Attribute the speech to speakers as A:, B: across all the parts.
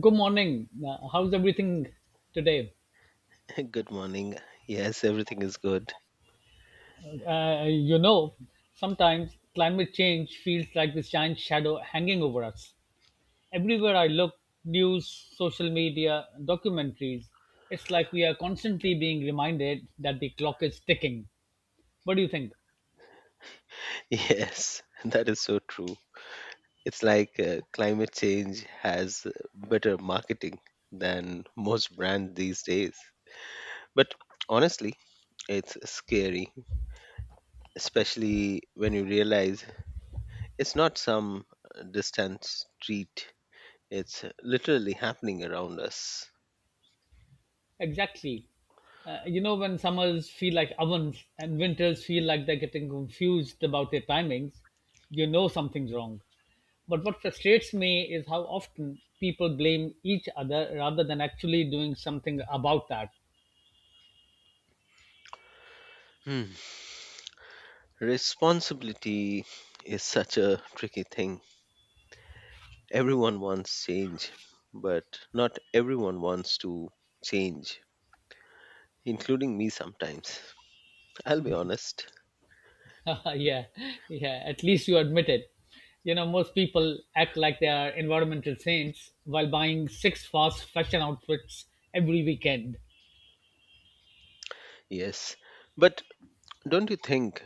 A: Good morning. How's everything today?
B: Good morning. Yes, everything is good.
A: Uh, you know, Sometimes climate change feels like this giant shadow hanging over us. Everywhere I look, news, social media, documentaries, it's like we are constantly being reminded that the clock is ticking. What do you think?
B: Yes, that is so true. It's like climate change has better marketing than most brands these days. But honestly, it's scary, especially when you realize it's not some distant street. It's literally happening around us.
A: Exactly. When summers feel like ovens and winters feel like they're getting confused about their timings, you know something's wrong. But what frustrates me is how often people blame each other rather than actually doing something about that.
B: Hmm. Responsibility is such a tricky thing. Everyone wants change, but not everyone wants to change, including me sometimes. I'll be honest.
A: Yeah, yeah, at least you admit it. You know, most people act like they are environmental saints while buying six fast fashion outfits every weekend.
B: Yes. But don't you think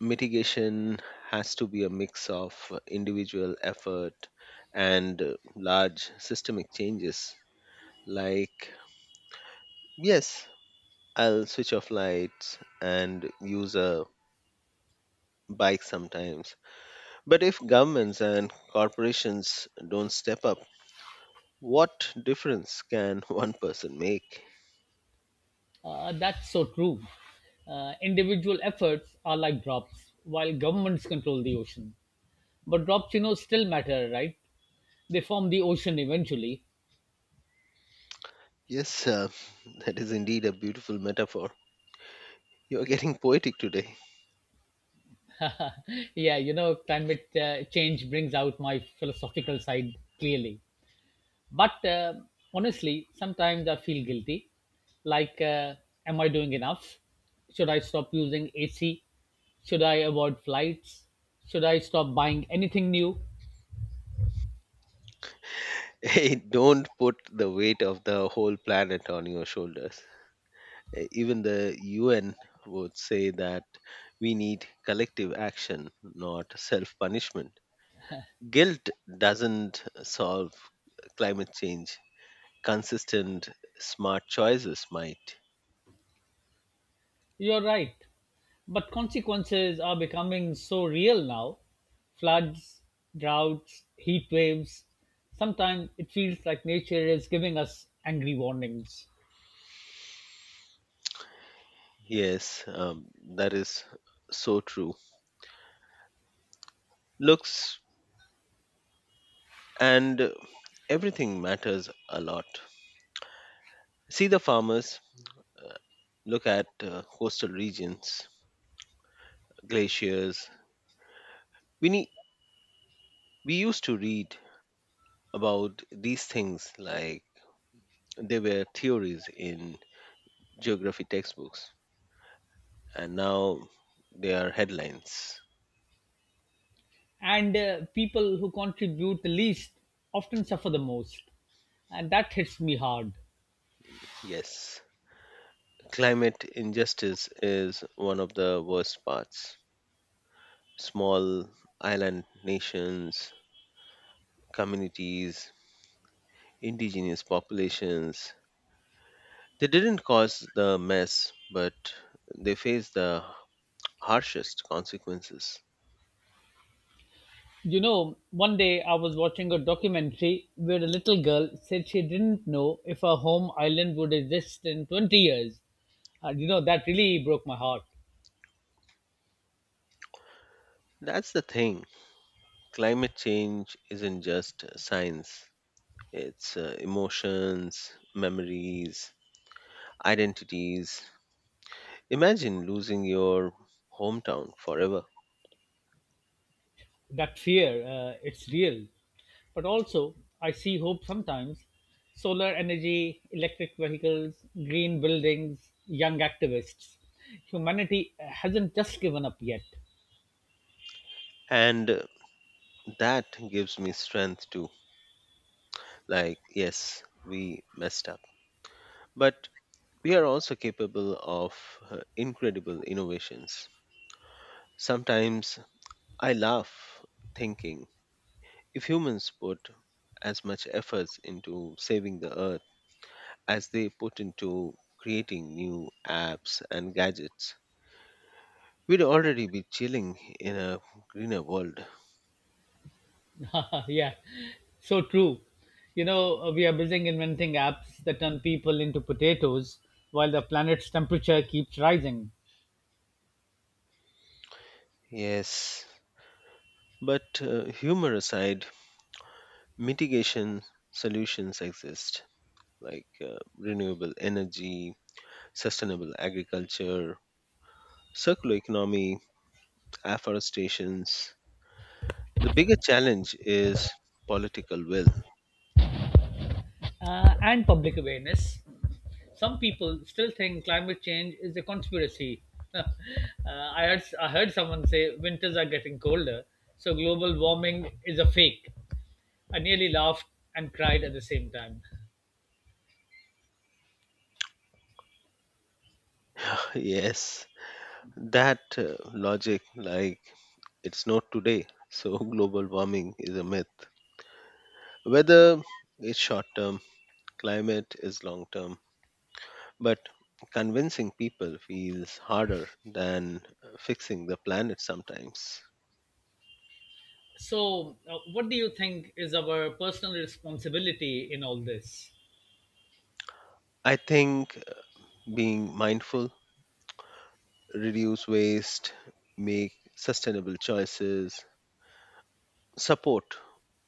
B: mitigation has to be a mix of individual effort and large systemic changes? Like, yes, I'll switch off lights and use a bike sometimes. But if governments and corporations don't step up, what difference can one person make?
A: That's so true. Individual efforts are like drops, while governments control the ocean. But drops, you know, still matter, right? They form the ocean eventually.
B: Yes, that is indeed a beautiful metaphor. You are getting poetic today.
A: Yeah, you know, climate change brings out my philosophical side clearly. But honestly, sometimes I feel guilty. Like, uh, am I doing enough? Should I stop using AC? Should I avoid flights? Should I stop buying anything new?
B: Hey, don't put the weight of the whole planet on your shoulders. Even the UN would say that we need collective action, not self punishment. Guilt doesn't solve climate change, consistent, smart choices might.
A: You're right. But consequences are becoming so real now, floods, droughts, heat waves. Sometimes it feels like nature is giving us angry warnings.
B: Yes, that is so true. Looks and everything matters a lot. See the farmers, uh, look at coastal regions, glaciers. We need, we used to read about these things like they were theories in geography textbooks, and now they are headlines.
A: And people who contribute the least often suffer the most. And that hits me hard.
B: Yes, climate injustice is one of the worst parts. Small island nations, communities, indigenous populations, they didn't cause the mess, but they faced the harshest consequences.
A: You know, one day I was watching a documentary where a little girl said she didn't know if her home island would exist in 20 years. And you know, that really broke my heart.
B: That's the thing. Climate change isn't just science, it's emotions, memories, identities. Imagine losing your hometown forever.
A: That fear, it's real, but also I see hope sometimes, solar energy, electric vehicles, green buildings, young activists. Humanity hasn't just given up yet.
B: And that gives me strength too. Like, yes, we messed up, but we are also capable of incredible innovations. Sometimes I laugh thinking if humans put as much efforts into saving the earth as they put into creating new apps and gadgets, we'd already be chilling in a greener world.
A: Yeah, so true. You know, we are busy inventing apps that turn people into potatoes while the planet's temperature keeps rising.
B: Yes, but humor aside, mitigation solutions exist like renewable energy, sustainable agriculture, circular economy, afforestations. The bigger challenge is political will.
A: And public awareness, some people still think climate change is a conspiracy. uh, I heard someone say winters are getting colder, so global warming is a fake. I nearly laughed and cried at the same time.
B: Yes, that logic, like it's not today, so global warming is a myth. Weather is short term, climate is long term, but convincing people feels harder than fixing the planet sometimes.
A: So, what do you think is our personal responsibility in all this?
B: I think being mindful, reduce waste, make sustainable choices, support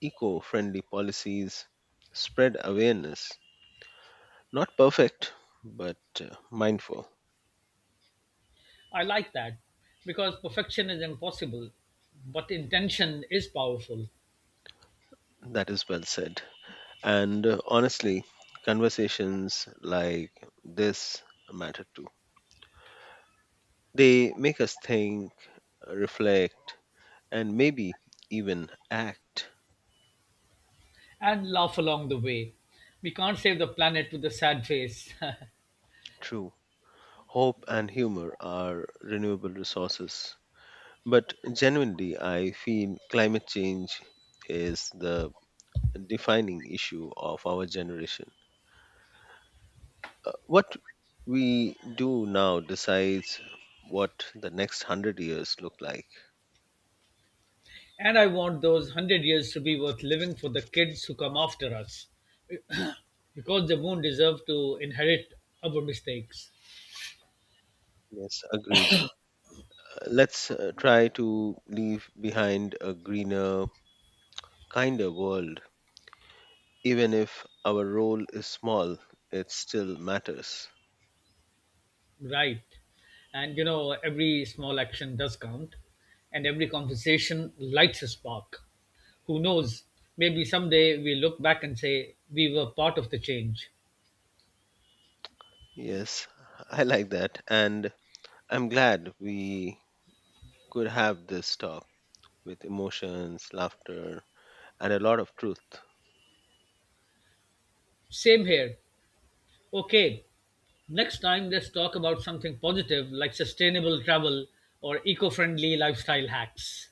B: eco friendly policies, spread awareness. Not perfect, but mindful.
A: I like that because perfection is impossible, but intention is powerful.
B: That is well said. And honestly, conversations like this matter too. They make us think, reflect, and maybe even act.
A: And laugh along the way. We can't save the planet with a sad face.
B: True. Hope and humor are renewable resources. But genuinely, I feel climate change is the defining issue of our generation. What we do now decides what the next 100 years look like.
A: And I want those 100 years to be worth living for the kids who come after us because they won't deserve to inherit our mistakes.
B: Yes, agreed. Let's try to leave behind a greener, kinder world. Even if our role is small, it still matters.
A: Right. And you know, every small action does count, and every conversation lights a spark. Who knows? Maybe someday we look back and say we were part of the change.
B: Yes, I like that. And I'm glad we could have this talk with emotions, laughter, and a lot of truth.
A: Same here. Okay, next time let's talk about something positive like sustainable travel or eco friendly lifestyle hacks.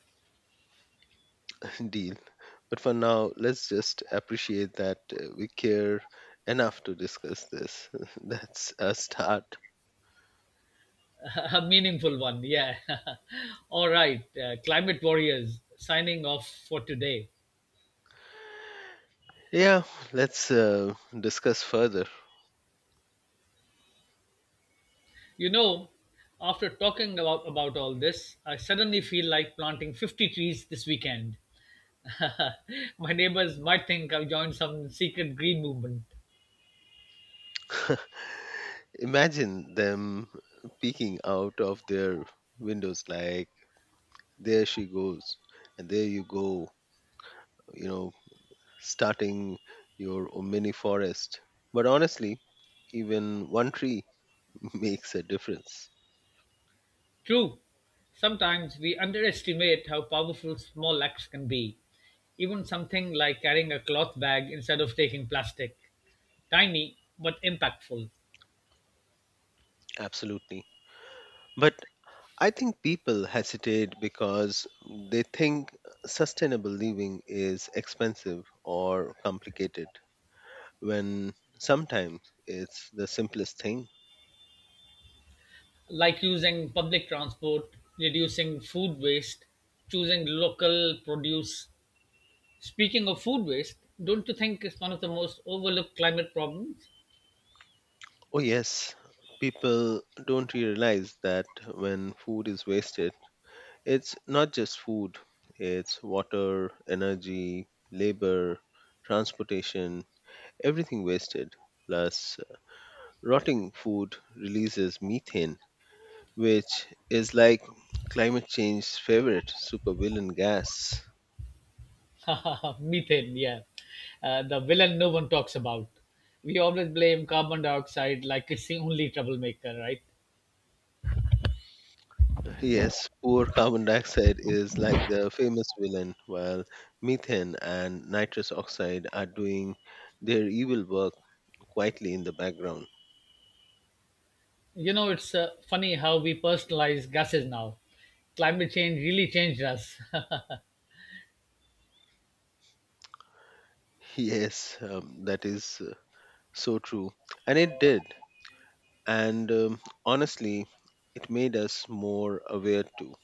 B: Deal. But for now, let's just appreciate that we care enough to discuss this. That's a start.
A: A meaningful one, yeah. All right, climate warriors signing off for today.
B: Yeah, let's discuss further.
A: You know, after talking about all this, I suddenly feel like planting 50 trees this weekend. My neighbors might think I've joined some secret green movement.
B: Imagine them peeking out of their windows like, there she goes, and there you go, you know, starting your mini forest. But honestly, even one tree makes a difference.
A: True, sometimes we underestimate how powerful small acts can be. Even something like carrying a cloth bag instead of taking plastic. Tiny but impactful.
B: Absolutely. But I think people hesitate because they think sustainable living is expensive or complicated when sometimes it's the simplest thing.
A: Like using public transport, reducing food waste, choosing local produce. Speaking of food waste, don't you think it's one of the most overlooked climate problems?
B: Oh, yes, people don't realize that when food is wasted, it's not just food, it's water, energy, labor, transportation, everything wasted. Plus, rotting food releases methane which is like climate change's favorite supervillain gas.
A: Methane, yeah. The villain no one talks about. We always blame carbon dioxide like it's the only troublemaker, right?
B: Yes, poor carbon dioxide is like the famous villain, while methane and nitrous oxide are doing their evil work quietly in the background.
A: You know, it's funny how we personalize gases now. Climate change really changed us.
B: Yes, that is so true. And it did. And honestly, it made us more aware too.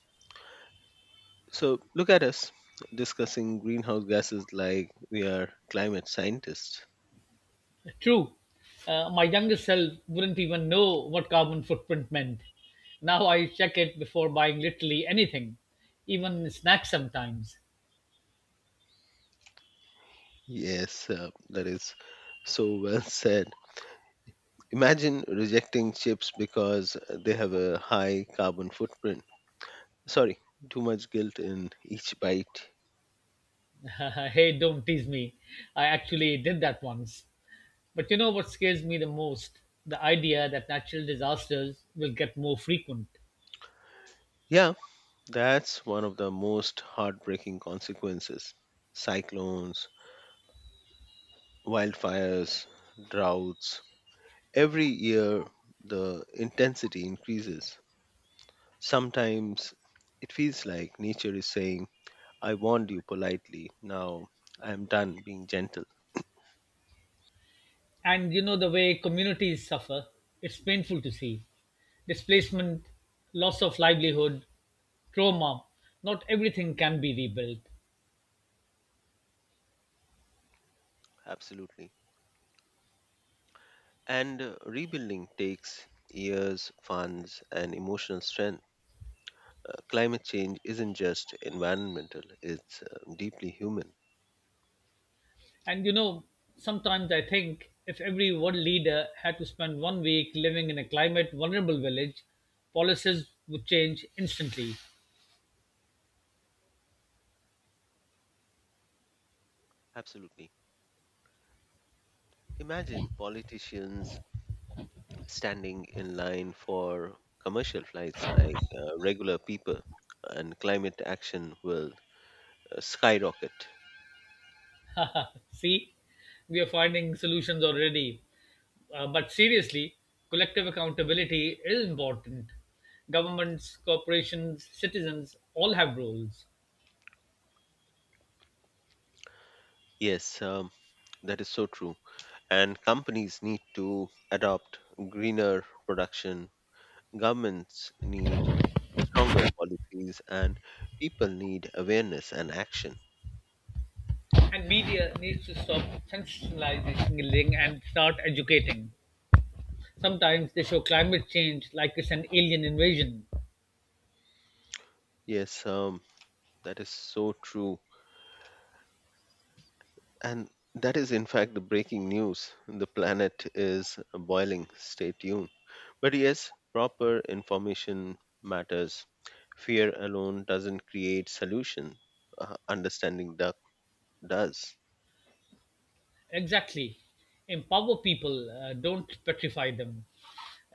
B: So look at us discussing greenhouse gases like we are climate scientists.
A: True. My younger self wouldn't even know what carbon footprint meant. Now I check it before buying literally anything, even snacks sometimes.
B: Yes, that is so well said. Imagine rejecting chips because they have a high carbon footprint. Sorry, too much guilt in each bite.
A: Hey, don't tease me. I actually did that once. But you know what scares me the most? The idea that natural disasters will get more frequent.
B: Yeah, that's one of the most heartbreaking consequences. Cyclones, wildfires, droughts. Every year, the intensity increases. Sometimes it feels like nature is saying, I warned you politely, now I am done being gentle.
A: And you know the way communities suffer, it's painful to see. Displacement, loss of livelihood, trauma, not everything can be rebuilt.
B: Absolutely. And rebuilding takes years, funds, and emotional strength. Climate change isn't just environmental, it's deeply human.
A: And you know, sometimes I think if every world leader had to spend one week living in a climate vulnerable village, policies would change instantly.
B: Absolutely. Imagine politicians standing in line for commercial flights like regular people, and climate action will skyrocket.
A: See, we are finding solutions already. But seriously, collective accountability is important. Governments, corporations, citizens all have roles.
B: Yes, that is so true. And companies need to adopt greener production. Governments need stronger policies and people need awareness and action.
A: And media needs to stop sensationalizing and start educating. Sometimes they show climate change like it's an alien invasion.
B: Yes, that is so true. And that is, in fact, the breaking news. The planet is boiling. Stay tuned. But yes, proper information matters. Fear alone doesn't create solution. Understanding does.
A: Exactly. Empower people, don't petrify them.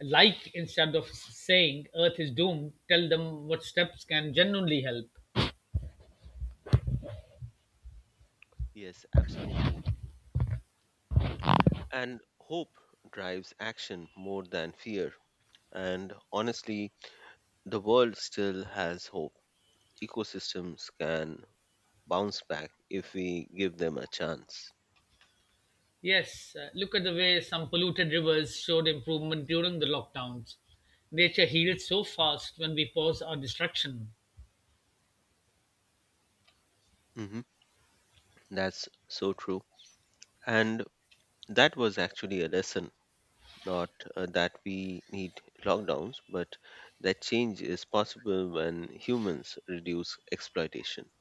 A: Like, instead of saying Earth is doomed, tell them what steps can genuinely help.
B: Yes, absolutely. And hope drives action more than fear. And honestly, the world still has hope. Ecosystems can bounce back if we give them a chance.
A: Yes, look at the way some polluted rivers showed improvement during the lockdowns. Nature healed so fast when we pause our destruction.
B: Hmm. That's so true. And that was actually a lesson, not that we need lockdowns, but that change is possible when humans reduce exploitation.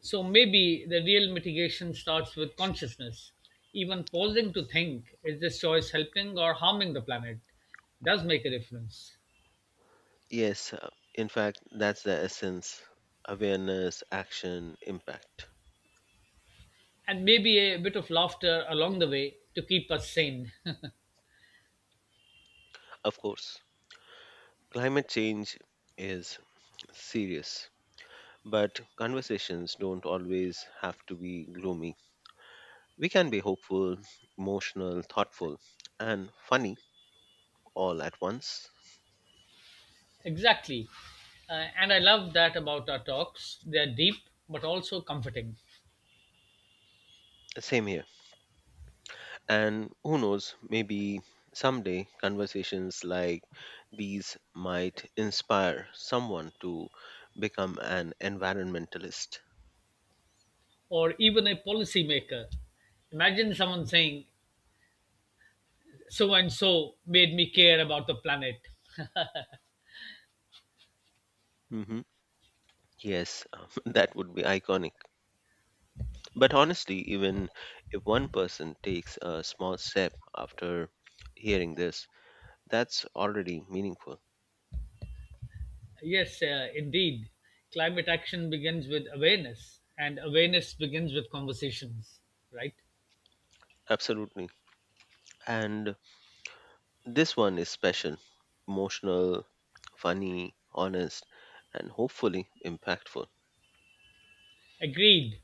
A: So maybe the real mitigation starts with consciousness. Even pausing to think, is this choice helping or harming the planet, does make a difference.
B: Yes, in fact, that's the essence, awareness, action, impact.
A: And maybe a bit of laughter along the way to keep us sane.
B: Of course, climate change is serious. But conversations don't always have to be gloomy. We can be hopeful, emotional, thoughtful, and funny all at once.
A: Exactly. And I love that about our talks. They are deep but also comforting.
B: Same here. And who knows, maybe someday conversations like these might inspire someone to become an environmentalist.
A: Or even a policymaker. Imagine someone saying, so and so made me care about the planet.
B: Hmm. Yes, that would be iconic. But honestly, even if one person takes a small step after hearing this, that's already meaningful.
A: Yes, indeed. Climate action begins with awareness, and awareness begins with conversations, right?
B: Absolutely. And this one is special, emotional, funny, honest, and hopefully impactful.
A: Agreed.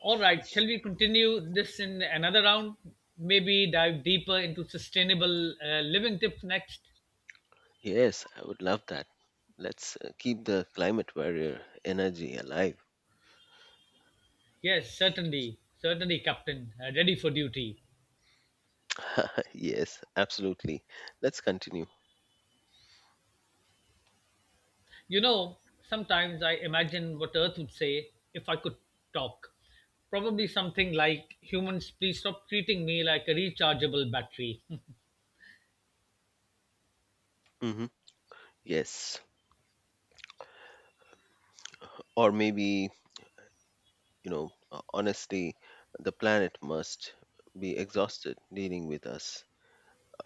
A: All right, shall we continue this in another round? Maybe dive deeper into sustainable living tips next?
B: Yes, I would love that. Let's keep the climate warrior energy alive.
A: Yes, certainly. Certainly, Captain. Ready for duty.
B: Yes, absolutely. Let's continue.
A: You know, sometimes I imagine what Earth would say if I could talk. Probably something like, humans, please stop treating me like a rechargeable battery.
B: Hmm. Yes. Or maybe, you know, honestly, the planet must be exhausted dealing with us.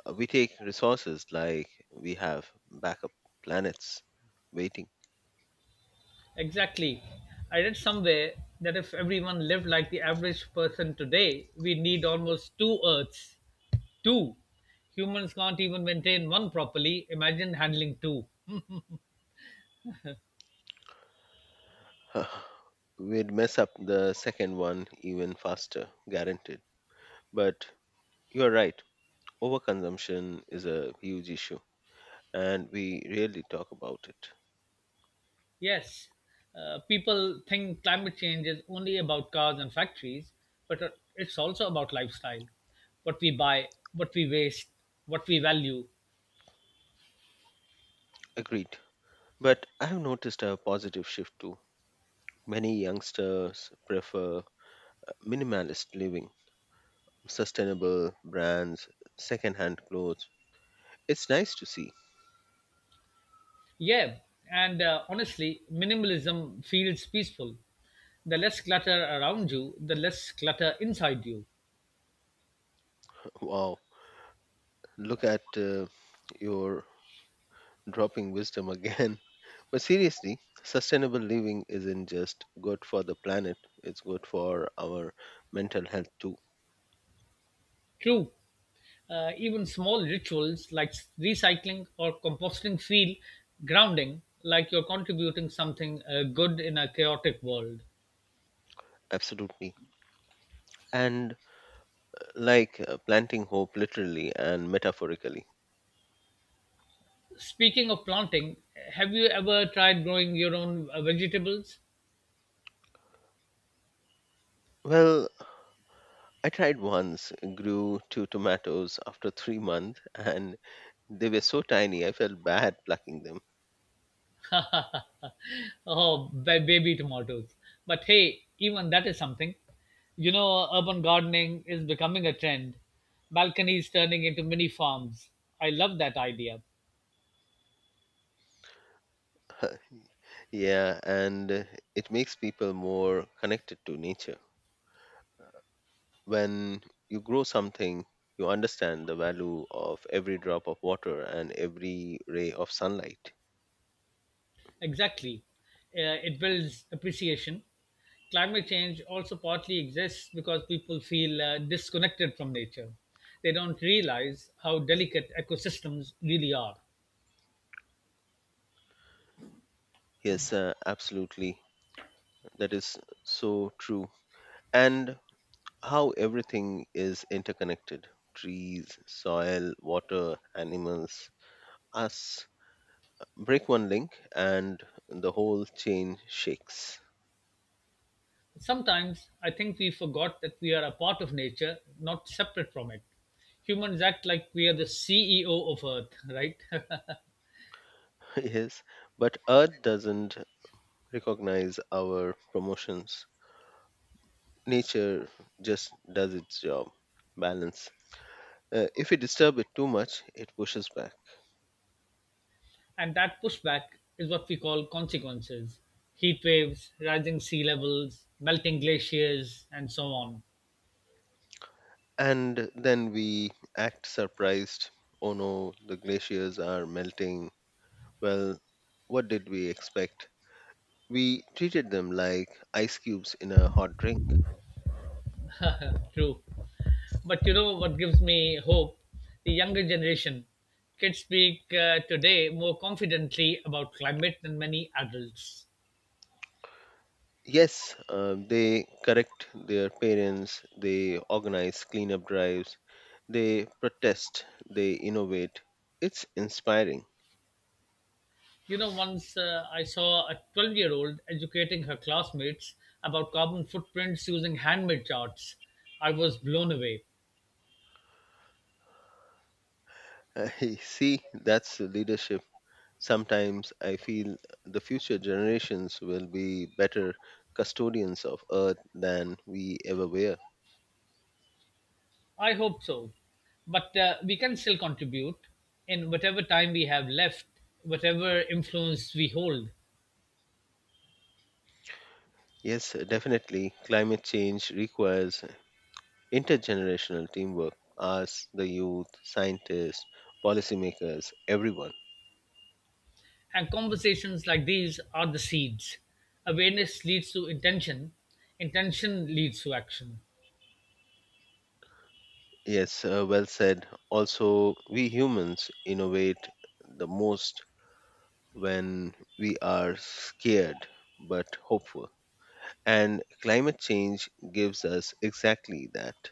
B: We take resources like we have backup planets waiting.
A: Exactly. I read somewhere that if everyone lived like the average person today, we need almost two Earths. Two, humans can't even maintain one properly. Imagine handling two.
B: We'd mess up the second one even faster, guaranteed. But you're right, overconsumption is a huge issue, and we rarely talk about it.
A: Yes, people think climate change is only about cars and factories, but it's also about lifestyle. What we buy, what we waste, what we value.
B: Agreed. But I have noticed a positive shift too. Many youngsters prefer minimalist living, sustainable brands, secondhand clothes. It's nice to see.
A: Yeah, and honestly, minimalism feels peaceful. The less clutter around you, the less clutter inside you.
B: Wow, look at your dropping wisdom again. But seriously, sustainable living isn't just good for the planet, it's good for our mental health too.
A: True. Even small rituals like recycling or composting feel grounding, like you're contributing something good in a chaotic world.
B: Absolutely. And like planting hope literally and metaphorically.
A: Speaking of planting, have you ever tried growing your own vegetables?
B: Well, I tried once, grew two tomatoes after 3 months, and they were so tiny I felt bad plucking them.
A: Oh, baby tomatoes. But hey, even that is something. You know, urban gardening is becoming a trend. Balconies turning into mini farms. I love that idea.
B: Yeah, and it makes people more connected to nature. When you grow something, you understand the value of every drop of water and every ray of sunlight.
A: Exactly. It builds appreciation. Climate change also partly exists because people feel disconnected from nature. They don't realize how delicate ecosystems really are.
B: Yes, absolutely. That is so true. And how everything is interconnected, trees, soil, water, animals, us. Break one link and the whole chain shakes.
A: Sometimes I think we forgot that we are a part of nature, not separate from it. Humans act like we are the CEO of Earth, right?
B: Yes, but Earth doesn't recognize our promotions. Nature just does its job, balance. If we disturb it too much, it pushes back.
A: And that pushback is what we call consequences, heat waves, rising sea levels, melting glaciers, and so on.
B: And then we act surprised, oh no, the glaciers are melting. Well, what did we expect? We treated them like ice cubes in a hot drink.
A: True. But you know what gives me hope? The younger generation. Kids speak today more confidently about climate than many adults.
B: Yes, they correct their parents. They organize cleanup drives. They protest. They innovate. It's inspiring.
A: You know, once I saw a 12-year-old educating her classmates about carbon footprints using handmade charts. I was blown away.
B: See, that's leadership. Sometimes I feel the future generations will be better custodians of Earth than we ever were.
A: I hope so. But we can still contribute in whatever time we have left, whatever influence we hold.
B: Yes, definitely, climate change requires intergenerational teamwork, us, the youth, scientists, policymakers, everyone.
A: And conversations like these are the seeds. Awareness leads to intention, intention leads to action.
B: Yes, well said. Also, we humans innovate the most when we are scared but hopeful. And climate change gives us exactly that.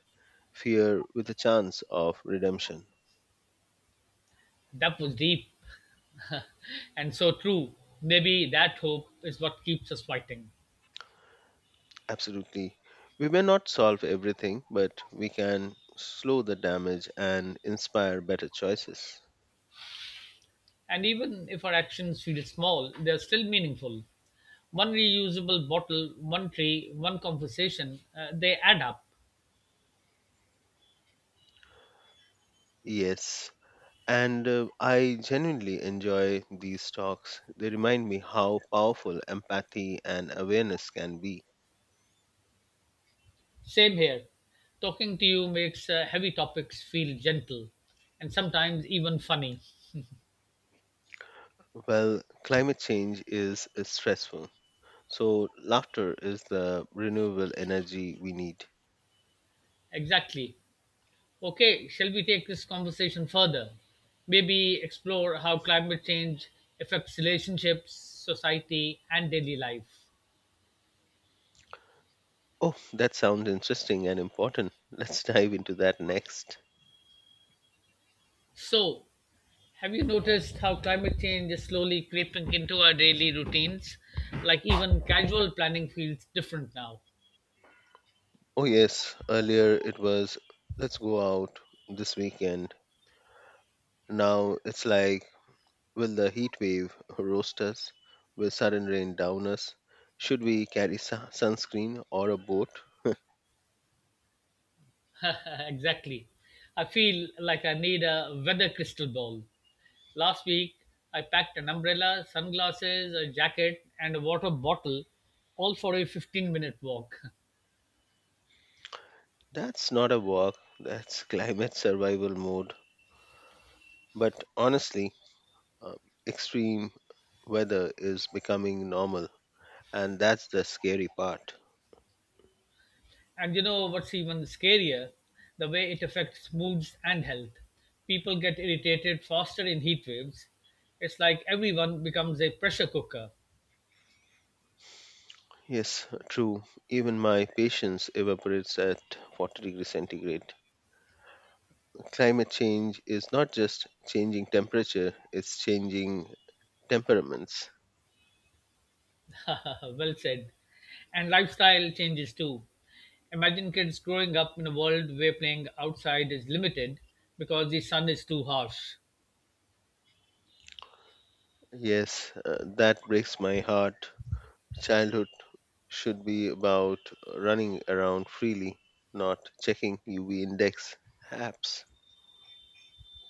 B: Fear with a chance of redemption.
A: That was deep and so true. Maybe that hope is what keeps us fighting.
B: Absolutely. We may not solve everything, but we can slow the damage and inspire better choices.
A: And even if our actions feel small, they're still meaningful. One reusable bottle, one tree, one conversation, they add up.
B: Yes. And I genuinely enjoy these talks. They remind me how powerful empathy and awareness can be.
A: Same here. Talking to you makes heavy topics feel gentle and sometimes even funny.
B: Well, climate change is stressful. So, laughter is the renewable energy we need.
A: Exactly. Okay, shall we take this conversation further? Maybe explore how climate change affects relationships, society, and daily life.
B: Oh, that sounds interesting and important. Let's dive into that next.
A: So, have you noticed how climate change is slowly creeping into our daily routines? Like, even casual planning feels different now.
B: Oh, yes, earlier it was, let's go out this weekend. Now it's like, will the heat wave roast us? Will sudden rain down us? Should we carry sunscreen or a boat?
A: Exactly. I feel like I need a weather crystal ball. Last week, I packed an umbrella, sunglasses, a jacket, and a water bottle, all for a 15-minute walk.
B: That's not a walk, that's climate survival mode. But honestly, uh, extreme weather is becoming normal, and that's the scary part.
A: And you know what's even scarier? The way it affects moods and health. People get irritated faster in heat waves. It's like everyone becomes a pressure cooker.
B: Yes, true. Even my patience evaporates at 40 degrees centigrade. Climate change is not just changing temperature, it's changing temperaments.
A: Well said. And lifestyle changes too. Imagine kids growing up in a world where playing outside is limited because the sun is too harsh.
B: Yes, that breaks my heart. Childhood should be about running around freely, not checking UV index apps.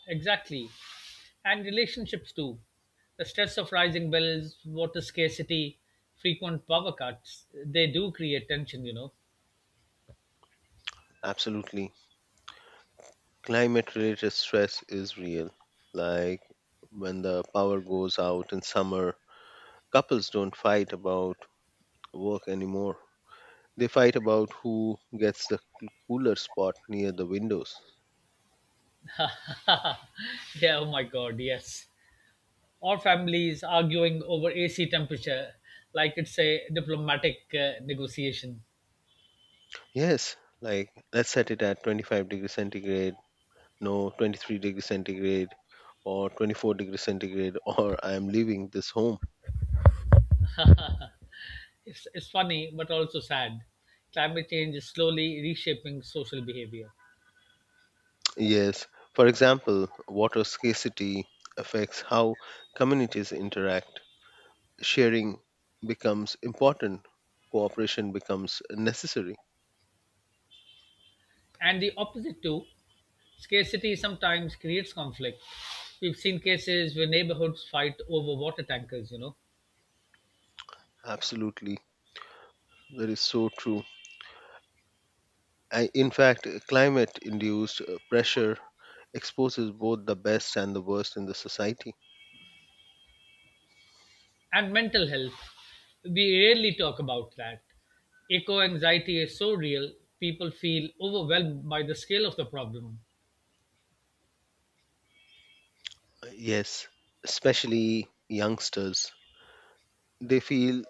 A: Exactly. And relationships too. The stress of rising bills, water scarcity, frequent power cuts, they do create tension, you know.
B: Absolutely. Climate related stress is real. Like when the power goes out in summer, couples don't fight about work anymore. They fight about who gets the cooler spot near the windows.
A: Yeah, oh my god, yes. Our families arguing over AC temperature like it's a diplomatic negotiation.
B: Yes, like let's set it at 25 degrees centigrade, no 23 degrees centigrade, or 24 degrees centigrade, or I am leaving this home.
A: It's funny but also sad. Climate change is slowly reshaping social behavior.
B: Yes, for example, water scarcity affects how communities interact. Sharing becomes important, cooperation becomes necessary.
A: And the opposite, too, scarcity sometimes creates conflict. We've seen cases where neighborhoods fight over water tankers, you know,
B: Absolutely, that is so true. I, in fact, climate induced pressure exposes both the best and the worst in the society.
A: and mental health. We rarely talk about that. Eco anxiety is so real, people feel overwhelmed by the scale of the problem.
B: Yes, especially youngsters. They feel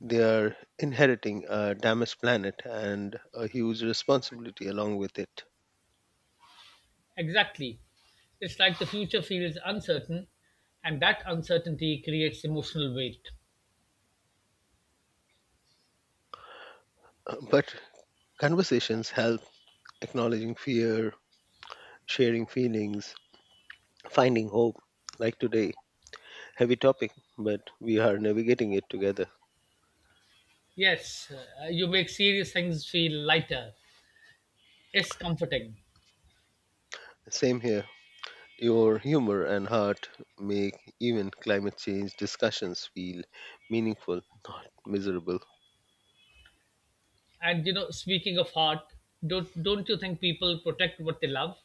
B: they are inheriting a damaged planet and a huge responsibility along with it.
A: Exactly. It's like the future feels uncertain, and that uncertainty creates emotional weight.
B: But conversations help acknowledging fear, sharing feelings, finding hope, like today. Heavy topic, but we are navigating it together.
A: Yes, you make serious things feel lighter. It's comforting.
B: Same here. Your humor and heart make even climate change discussions feel meaningful, not miserable.
A: And you know, speaking of heart, don't you think people protect what they love?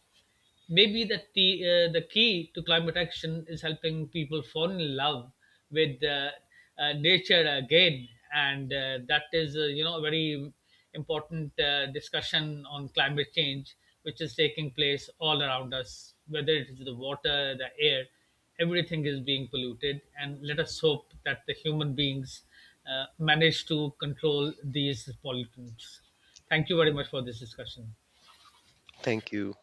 A: Maybe that the key to climate action is helping people fall in love with nature again, and that is a very important discussion on climate change which is taking place all around us, whether it is the water, the air, everything is being polluted, and let us hope that the human beings manage to control these pollutants. Thank you very much for this discussion.
B: Thank you.